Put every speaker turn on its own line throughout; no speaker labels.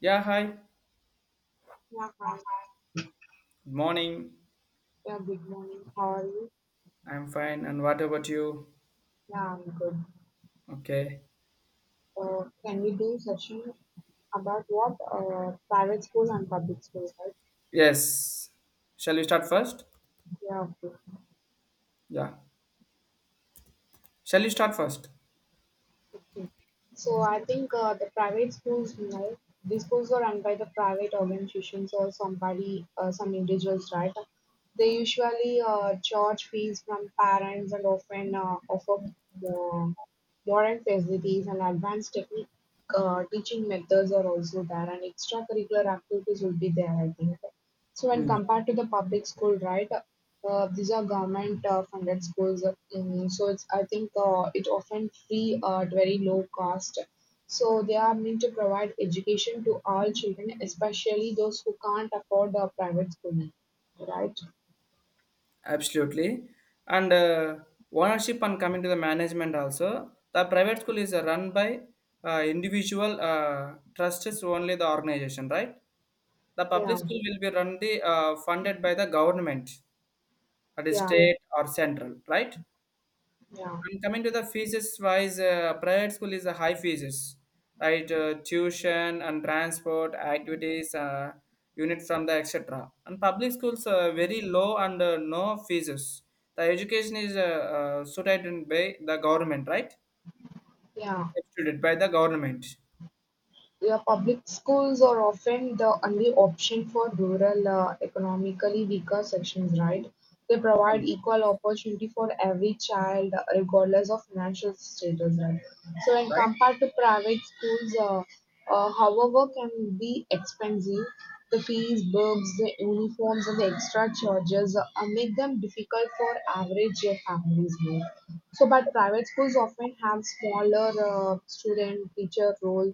Yeah, hi.
Yeah, hi.
Good morning.
Yeah, good morning. How are you?
I'm fine. And what about you?
Yeah, I'm good.
Okay.
Can we do session about what? Private school and public school, right?
Yes. Shall we start first?
Yeah, okay.
Yeah. Shall we start first?
So I think the private schools, you know, these schools are run by the private organizations or somebody, some individuals, right? They usually charge fees from parents and often offer the modern facilities and advanced technique teaching methods are also there, and extracurricular activities will be there, I think. So when
Mm,
compared to the public school, right? These are government funded schools, so it's I think it often free at very low cost. So they are meant to provide education to all children, especially those who can't afford a private schooling. Right?
absolutely. And ownership and coming to the management also. The private school is run by individual trustees only the organization, right? The public
Yeah,
school will be run the funded by the government, that is
yeah,
state or central, right?
yeah,
And coming to the fees wise, private school is a high fees, right? Tuition and transport, activities, unit from the etc. And public schools are very low and no fees. The education is suited by the government, right?
yeah.
Substituted by the government,
Yeah, public schools are often the only option for rural, economically weaker sections, right? They provide
right?
equal opportunity for every child, regardless of financial status, right? So, when compared to private schools, however, can be expensive. The fees, books, the uniforms, and the extra charges make them difficult for average families. No? So, but private schools often have smaller student-teacher role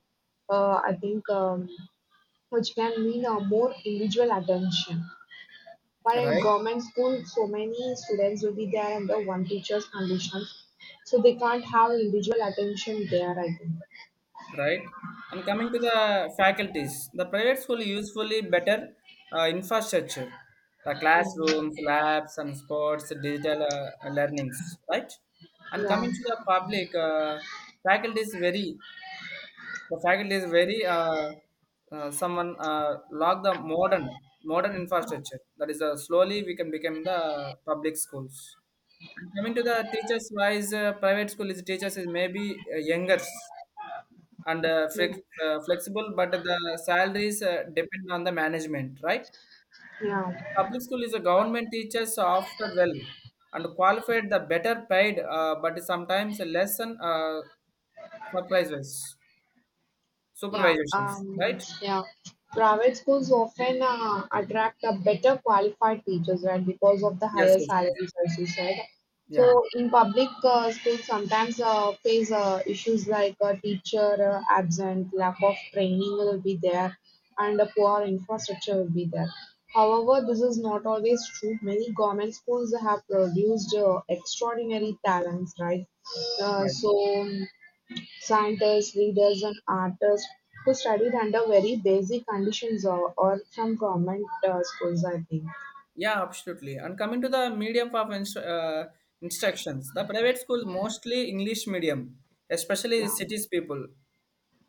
I think, which can mean more individual attention. But in
Right?
government school, so many students will be there under one teacher's conditions, so they can't have individual attention there. I
Right, and coming to the faculties, the private school usefully better infrastructure, the
think.
classrooms, labs, and sports, digital learnings, right.
Yeah.
And
Yeah.
coming to the public faculty is very, the faculty is very uh, someone log the modern infrastructure, that is slowly we can become the public schools. And coming to the teachers wise, private school is teachers is maybe younger and
Yeah.
flexible, but the salaries depend on the management, right?
Yeah.
Public school is a government teachers often well and qualified, the better paid, but sometimes less than supervisors,
Yeah,
supervisions, right?
yeah. Private schools often attract a better qualified teachers, right? Because of the
Yes,
higher
yes,
salaries, as you said.
yeah,
So in public schools, sometimes face issues like teacher absent, lack of training will be there, and a poor infrastructure will be there. However, this is not always true. Many government schools have produced extraordinary talents, right? Uh,
right.
so scientists, readers and artists who studied under very basic conditions or from government schools, I think.
Yeah, absolutely. And coming to the medium of instructions, the private schools mostly English medium, especially
Yeah,
cities people.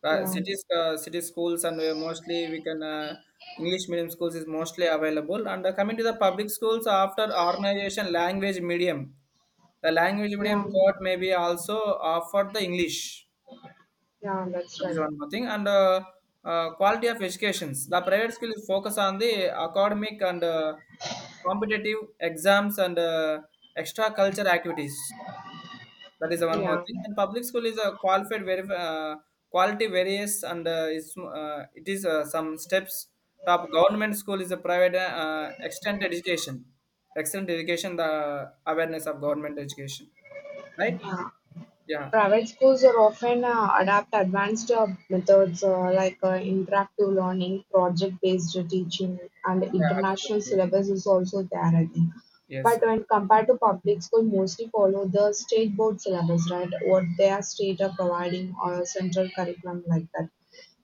yeah,
City schools, and mostly we can English medium schools is mostly available. And coming to the public schools, after organization, language medium, the language medium
yeah,
thought may be also offered the English.
yeah, that's
That is
right.
one more thing. And quality of educations, the private school is focus on the academic and competitive exams and extra culture activities, that is the one more
Yeah,
thing. And public school is a qualified, very quality various, and is it is some steps. Top government school is a private extent education, the awareness of government education, right?
yeah.
Yeah,
Private schools are often adapt advanced methods like interactive learning, project-based teaching, and
yeah,
international
absolutely.
syllabus is also there, I think.
Yes,
But
yes.
when compared to public school, mostly follow the state board syllabus, right? What their state are providing or central curriculum like that.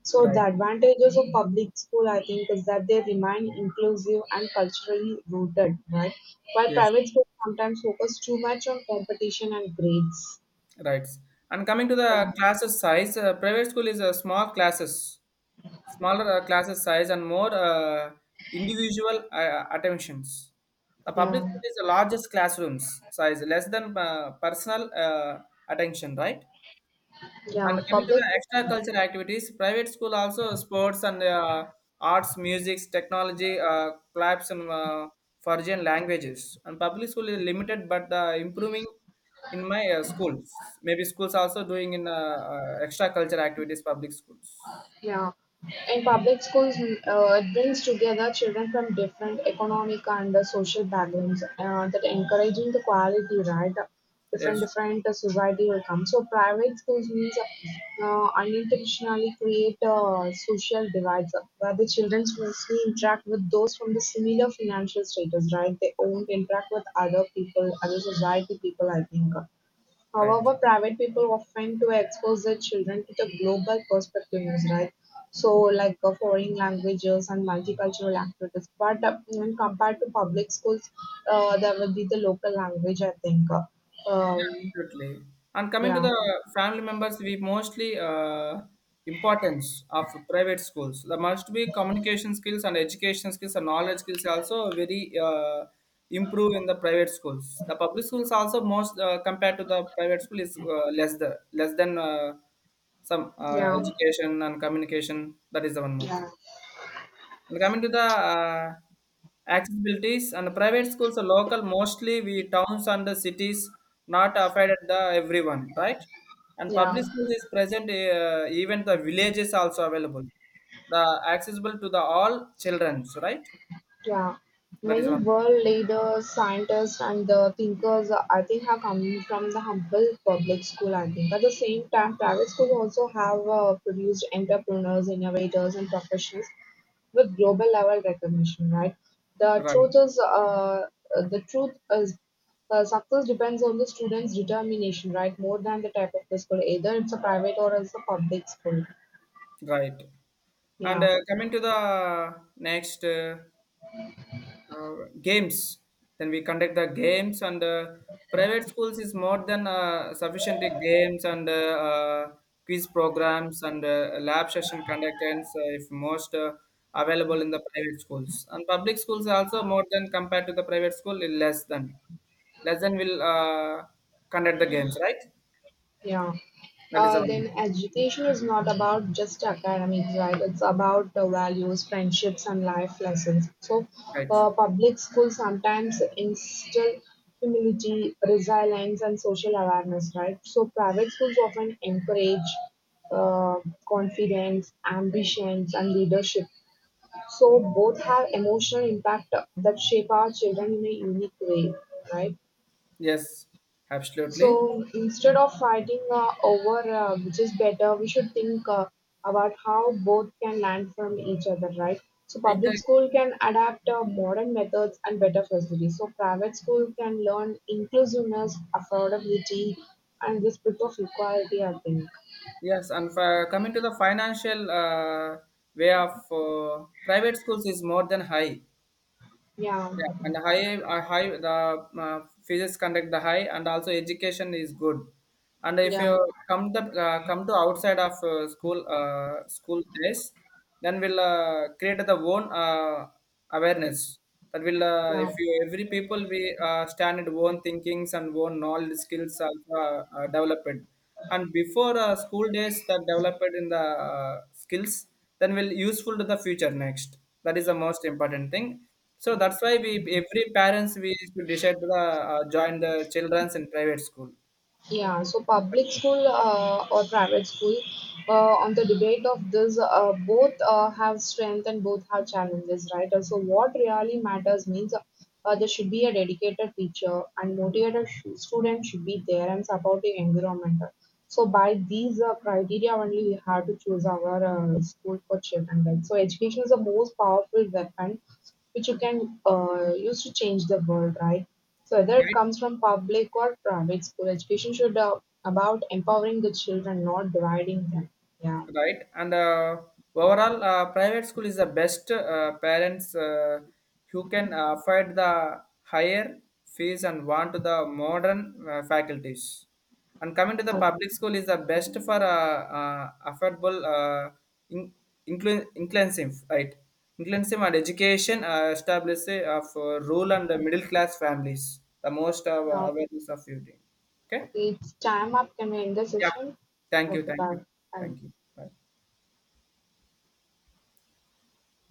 So the
Right.
advantages of public school, I think, is that they remain inclusive and culturally rooted, right? While
Yes,
private schools sometimes focus too much on competition and grades.
right. And coming to the classes size, private school is a small classes, smaller classes size and more individual attentions. The public school
Yeah,
is the largest classrooms size, less than personal attention, right? And
yeah,
coming to the
public,
extra cultural activities, private school also sports and arts, music, technology, clubs and foreign languages. And public school is limited, but improving in my schools. Maybe schools also doing in extra cultural activities, public schools.
yeah. In public schools, it brings together children from different economic and social backgrounds that encouraging the quality, right? Different,
Yes,
different society will come. So private schools means unintentionally create social divides where the children mostly interact with those from the similar financial status, right? They won't interact with other people, other society people, I think.
right.
However, private people often to expose their children to the global perspectives, right? So, like foreign languages and multicultural activities. But when compared to public schools, there will be the local language, I think.
Yeah,
Um,
absolutely. And coming to
yeah,
the family members, we mostly importance of private schools. There must be communication skills and education skills and knowledge skills also very improve in the private schools. The public schools also most compared to the private school is less, the less than some
yeah,
education and communication. That is the one more
yeah.
thing. And coming to the accessibilities and private schools are local, mostly we towns and the cities, not affected the everyone, right. And
Yeah.
public schools is present, even the villages also available, the accessible to the all children, right.
Yeah,
That is
many
one,
world leaders, scientists and the thinkers I think Athinca come from the humble public school I Athinca. At the same time, private schools also have produced entrepreneurs, innovators and professionals with global level recognition, right? The
right.
truth is, uh, the truth is, success depends on the student's determination, right? More than the type of the school, either it's a private or it's a public school.
Right, and
Yeah.
coming to the next games, then we conduct the games and private schools is more than sufficient in games and uh, quiz programs and lab session conductance if most available in the private schools, and public schools also more than compared to the private school is less than will conduct the games, right.
Yeah.
That is the
Uh,
one,
then education is not about just academics, right? It's about the values, friendships, and life lessons. So,
right.
uh, public schools sometimes instill humility, resilience, and social awareness, right? So, private schools often encourage uh, confidence, ambitions, and leadership. So, both have emotional impact that shape our children in a unique way, right?
Yes, absolutely.
So instead of fighting over which is better, we should think about how both can learn from each other, right? So
It,
public school can adapt modern methods and better facilities. So private school can learn inclusiveness, affordability, and the spirit of equality. I think.
yes, and for coming to the financial way of private schools is more than high.
Yeah,
Yeah, and high, high the physics conduct the high, and also education is good. And if you
yeah,
come the come to outside of school days, then we'll create the own awareness. That will if
yeah.
you every people we stand at own thinkings and own knowledge skills are developed, and before school days that developed in the skills, then will useful to the future next. That is the most important thing. So that's why we every parents we should decide to the, join the children's in private school,
Yeah, so public school or private school, on the debate of this, both have strength and both have challenges, right? And so, what really matters means there should be a dedicated teacher and motivated student should be there and supportive environment. So by these criteria only we have to choose our school for children, right? So education is the most powerful weapon which you can use to change the world, right? So whether it
right.
comes from public or private school, education should about empowering the children, not dividing them. Yeah.
Right, and overall private school is the best, parents who can afford the higher fees and want to the modern faculties. And coming to the
Okay.
public school is the best for affordable in, inclusive, right. Inclusive and education established of rural and the middle class families, the most
Now,
awareness of you. Okay.
okay, it's time up. Can we end the
Yeah,
session?
thank you,
Okay,
thank you,
bye. Bye.
thank you. Bye.